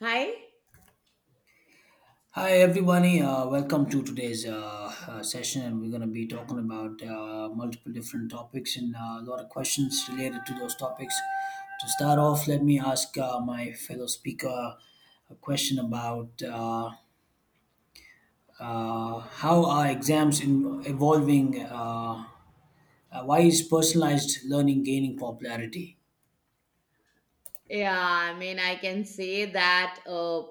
Hi. Hi everybody, welcome to today's session, and we're going to be talking about multiple different topics and a lot of questions related to those topics. To start off, let me ask my fellow speaker a question about how are evolving? Why is personalized learning gaining popularity? Yeah, I mean, I can say that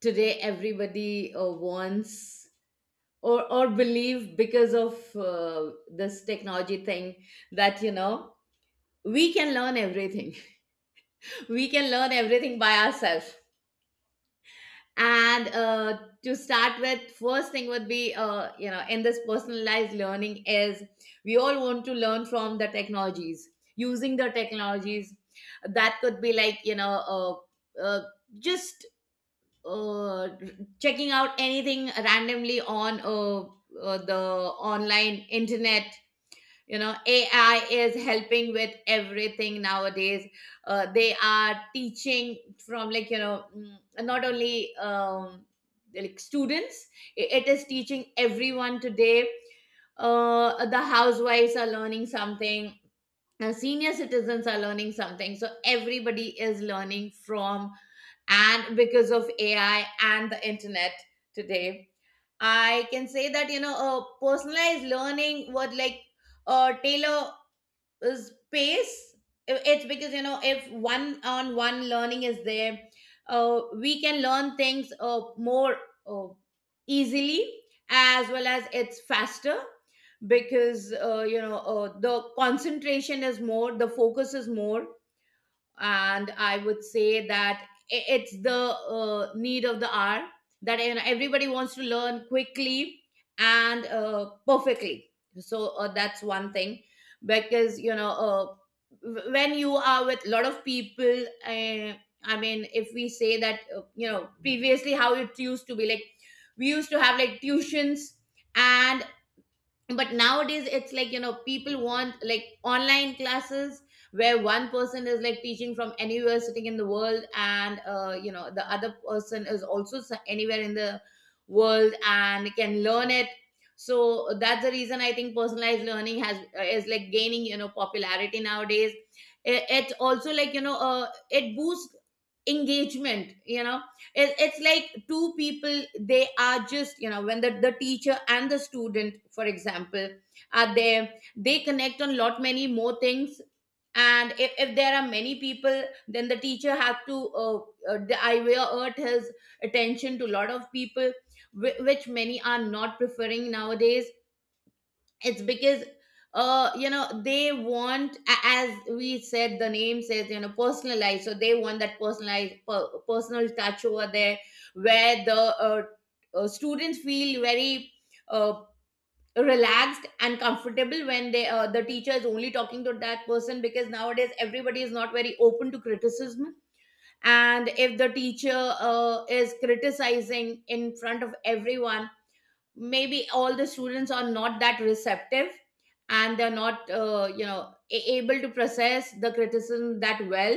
today everybody wants or believe because of this technology thing that you know we can learn everything. We can learn everything by ourselves. And to start with, first thing would be you know in this personalized learning is we all want to learn from the technologies using the technologies that could be like uh, just uh, checking out anything randomly on the online internet. You know, ai is helping with everything nowadays. Uh, they are teaching from like not only like students. It is teaching everyone today. Uh, the housewives are learning something. Uh, senior citizens are learning something, so everybody is learning from, and because of AI and the internet today, I can say that, you know, personalized learning would like tailor is pace. It's because, you know, if one on one learning is there, we can learn things more uh, easily, as well as it's faster, because you know the concentration is more, the focus is more. And I would say that it's the need of the hour, that, you know, everybody wants to learn quickly and perfectly. So that's one thing. Because, you know, when you are with a lot of people, I mean, if we say that, you know, previously how it used to be, like we used to have like tuitions, and but nowadays it's like, you know, people want like online classes where one person is like teaching from anywhere sitting in the world, and you know, the other person is also anywhere in the world and can learn it. So that's the reason I think personalized learning has is like gaining, you know, popularity nowadays. It also, like, you know, it boosts engagement. You know, it's like two people, they are just, you know, when the teacher and the student, for example, are there, they connect on lot many more things. And if there are many people, then the teacher have to divert his attention to lot of people, which many are not preferring nowadays. It's because you know, they want, as we said, the name says, you know, personalized, so they want that personalized personal touch over there, where the uh, students feel very uh, relaxed and comfortable when they the teacher is only talking to that person, because nowadays everybody is not very open to criticism. And if the teacher is criticizing in front of everyone, maybe all the students are not that receptive, and they're not, you know, able to process the criticism that well,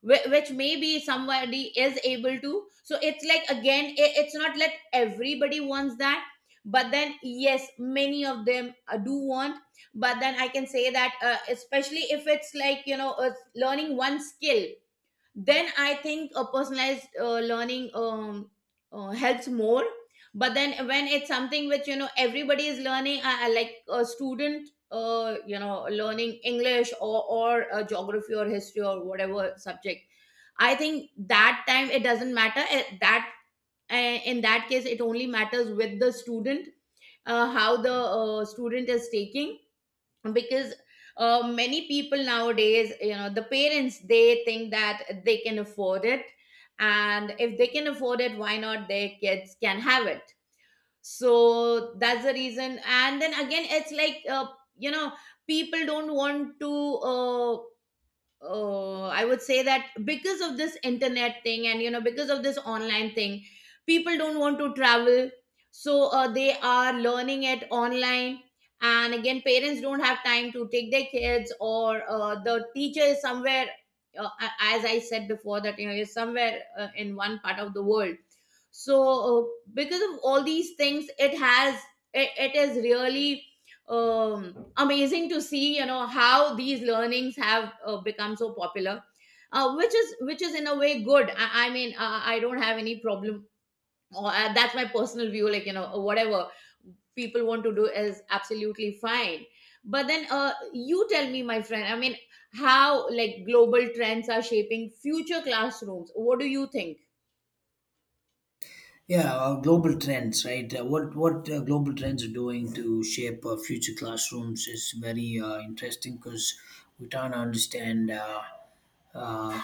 which maybe somebody is able to. So it's like, again, it's not like everybody wants that. But then yes, many of them do want. But then I can say that, especially if it's like, you know, learning one skill, then I think a personalized learning helps more. But then when it's something which, you know, everybody is learning, I like a student, you know, learning english, or geography or history or whatever subject, I think that time it doesn't matter. That, in that case, it only matters with the student, how the student is taking. Because, many people nowadays, you know, the parents, they think that they can afford it, and if they can afford it, why not their kids can have it. So that's the reason. And then again, it's like, you know, people don't want to Oh, I would say that because of this internet thing, and, you know, because of this online thing, people don't want to travel, so they are learning it online. And again, parents don't have time to take their kids, or the teacher is somewhere. As I said before, that you know is somewhere in one part of the world. So because of all these things, it is really amazing to see, you know, how these learnings have become so popular, which is in a way good. I mean, I don't have any problem, or that's my personal view, like, you know, whatever people want to do is absolutely fine. But then, you tell me, my friend. I mean, how, like, global trends are shaping future classrooms? What do you think? Yeah, global trends, right? What Global trends are doing to shape future classrooms is very interesting because we trying to understand uh,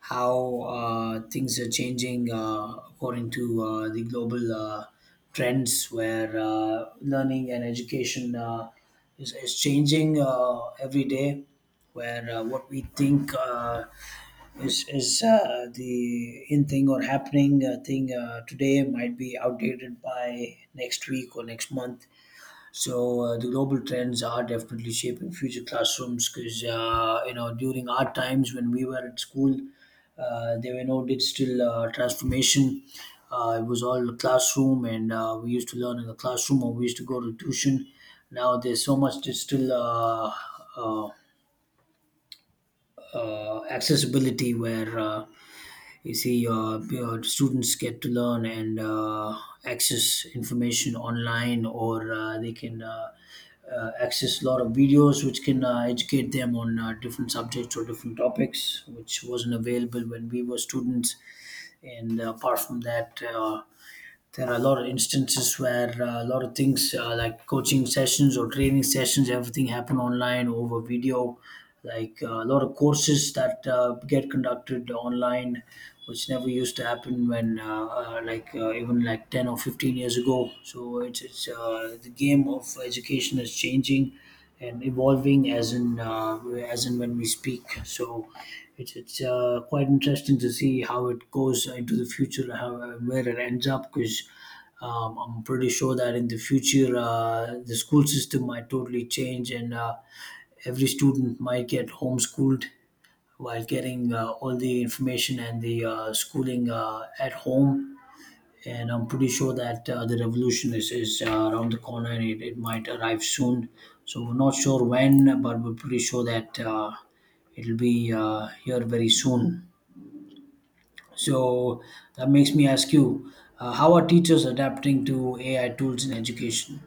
how things are changing according to the global trends where learning and education is changing every day where what we think is the in thing or happening thing today might be outdated by next week or next month. So the global trends are definitely shaping future classrooms because you know during our times when we were at school, there were no digital transformation. It was all classroom, and we used to learn in the classroom or we used to go to tuition. Now there's so much digital uh, accessibility where you see students get to learn and access information online, or they can access a lot of videos which can educate them on different subjects or different topics which wasn't available when we were students. And apart from that, there are a lot of instances where a lot of things like coaching sessions or training sessions, everything happen online over video, like a lot of courses that get conducted online, which never used to happen when like even like 10 or 15 years ago. So it's the game of education is changing and evolving as in when we speak. So it's quite interesting to see how it goes into the future, how where it ends up. Because I'm pretty sure that in the future the school system might totally change, and every student might get homeschooled while getting all the information and the schooling at home. And I'm pretty sure that the revolution is around the corner and it might arrive soon. So we're not sure when, but we're pretty sure that it'll be here very soon. So that makes me ask you, how are teachers adapting to AI tools in education?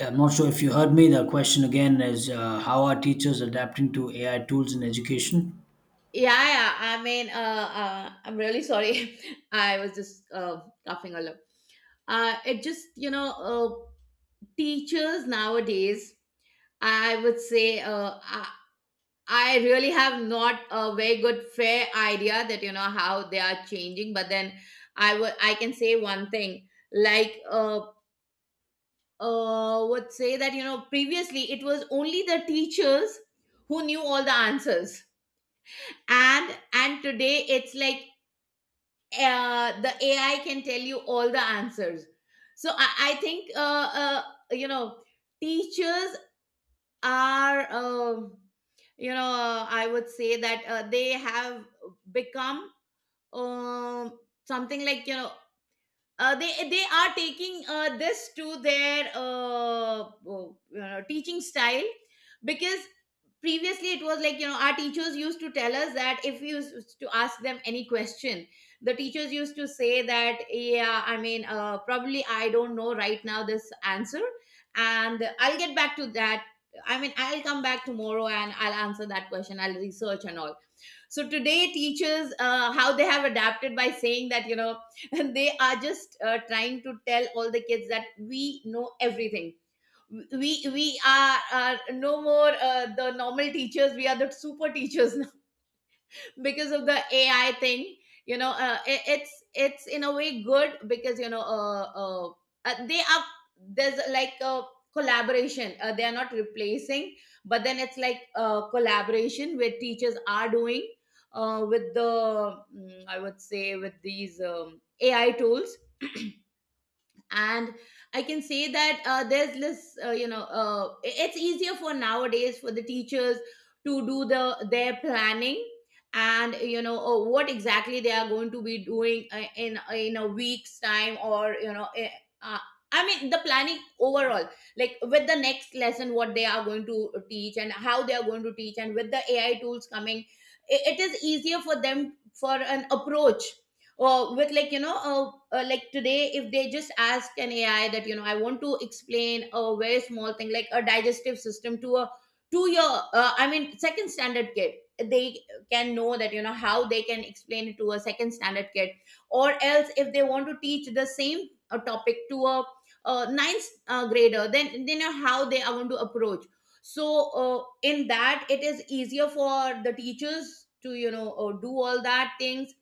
I'm not sure if you heard me. The question again is, how are teachers adapting to AI tools in education? Yeah, yeah, I mean, I'm really sorry. I was just coughing a lot. Uh, it just, you know, teachers nowadays, I would say, I really have not a very good fair idea that, you know, how they are changing. But then, I can say one thing, like, would say that, you know, previously it was only the teachers who knew all the answers. And today it's like, the AI can tell you all the answers. So I think, uh, you know, teachers are, you know, I would say that they have become, um, something like, you know, they are taking this to their oh, you know, teaching style. Because previously, it was like, you know, our teachers used to tell us that if you used to ask them any question, the teachers used to say that, yeah, I mean, probably, I don't know right now this answer, and I'll get back to that. I mean, I'll come back tomorrow and I'll answer that question. I'll research and all. So today teachers, how they have adapted by saying that, you know, they are just trying to tell all the kids that we know everything. We are no more the normal teachers, we are the super teachers because of the AI thing. You know, it's in a way good because, you know, they are there's like a collaboration. They are not replacing, but then it's like a collaboration where teachers are doing, I would say, with these AI tools. And I can say that, there's less, you know, it's easier for nowadays for the teachers to do their planning, and, you know, what exactly they are going to be doing, in a week's time, or, you know, uh, I mean, the planning overall, like with the next lesson, what they are going to teach and how they are going to teach. And with the ai tools coming, it is easier for them for an approach. Or with, like, you know, like today, if they just ask an ai that, you know, I want to explain a very small thing like a digestive system to a two year I mean, second standard kid, they can know that, you know, how they can explain it to a second standard kid. Or else, if they want to teach the same topic to a, ninth grader, then they know how they are going to approach. So in that, it is easier for the teachers to, you know, do all that things.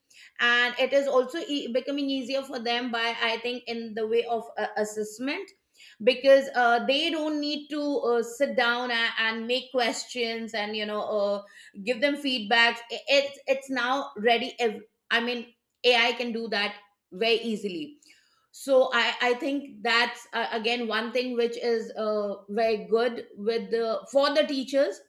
And it is also becoming easier for them by, I think, in the way of assessment. Because they don't need to sit down and make questions, and, you know, give them feedback. It's now ready, I mean, ai can do that very easily. So I think that's, again, one thing which is, very good with the for the teachers.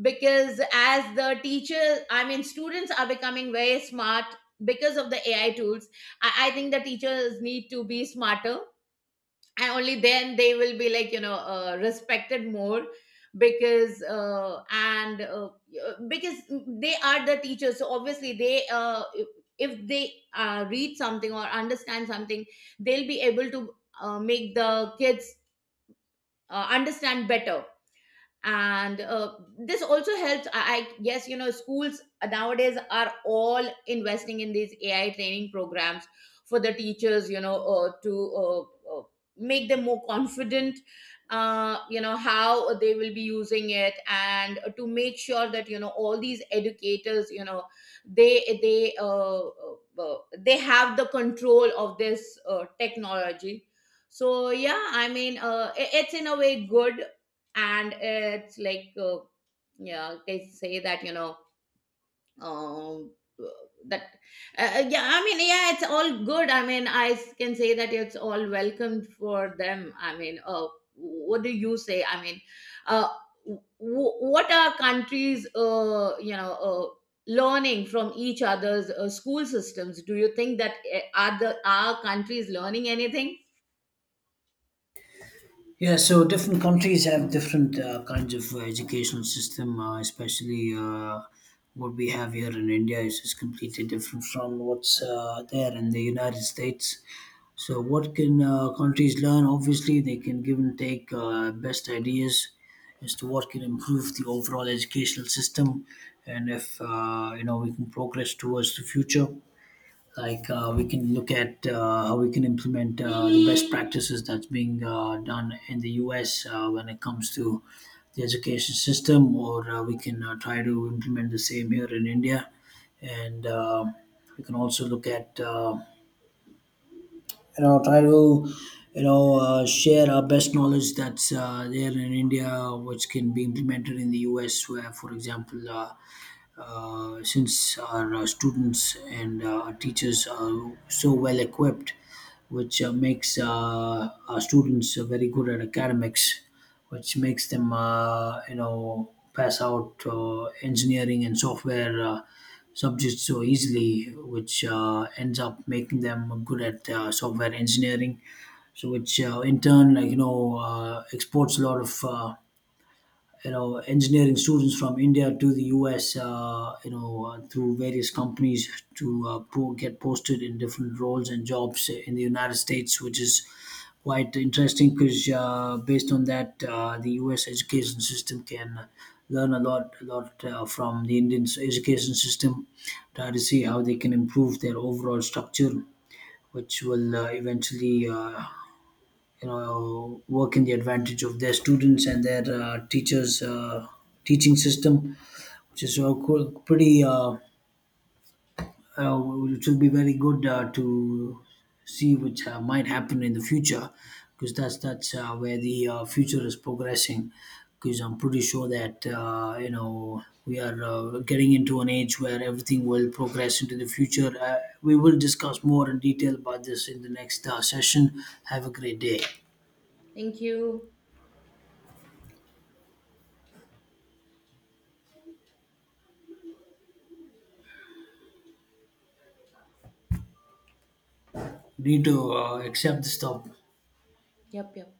Because, as the teachers, I mean, students are becoming very smart because of the AI tools, I think the teachers need to be smarter, and only then they will be, like, you know, respected more. because uh, and uh, because they are the teachers. So, obviously, they if they read something or understand something, they'll be able to make the kids understand better. And this also helps. I guess, you know, schools nowadays are all investing in these ai training programs for the teachers, you know, to uh, make them more confident, you know, how they will be using it, and to make sure that, you know, all these educators, you know, they they uh, uh, they have the control of this technology. So yeah, I mean, it's in a way good. And it's like, yeah, they say that, you know, um that yeah, I mean, yeah, it's all good. I mean, can say that it's all welcomed for them. I mean, what do you say? I mean, uh w- what are countries, you know, learning from each other's school systems? Do you think that, are countries learning anything? Yeah, so different countries have different kinds of educational system, especially what we have here in India is just completely different from what's there in the United States. So, what can countries learn? Obviously, they can give and take best ideas as to what can improve the overall educational system, and if you know we can progress towards the future, like we can look at how we can implement the best practices that's being done in the US when it comes to the education system, or we can try to implement the same here in India. And we can also look at you know try to you know share our best knowledge that's there in India, which can be implemented in the US, where, for example, since our students and our teachers are so well equipped, which makes our students very good at academics, which makes them you know pass out engineering and software. Subjects so easily, which ends up making them good at software engineering. So, which in turn, like you know, exports a lot of you know engineering students from India to the US, you know through various companies to get posted in different roles and jobs in the United States, which is quite interesting because based on that, the US education system can learn a lot from the Indian education system, try to see how they can improve their overall structure, which will eventually you know work in the advantage of their students and their teachers teaching system, which is cool, pretty which will be very good to see, which might happen in the future, because that's where the future is progressing, because I'm pretty sure that you know we are getting into an age where everything will progress into the future. We will discuss more in detail about this in the next session. Have a great day. Thank you. Need to accept the stuff. Yep, yep.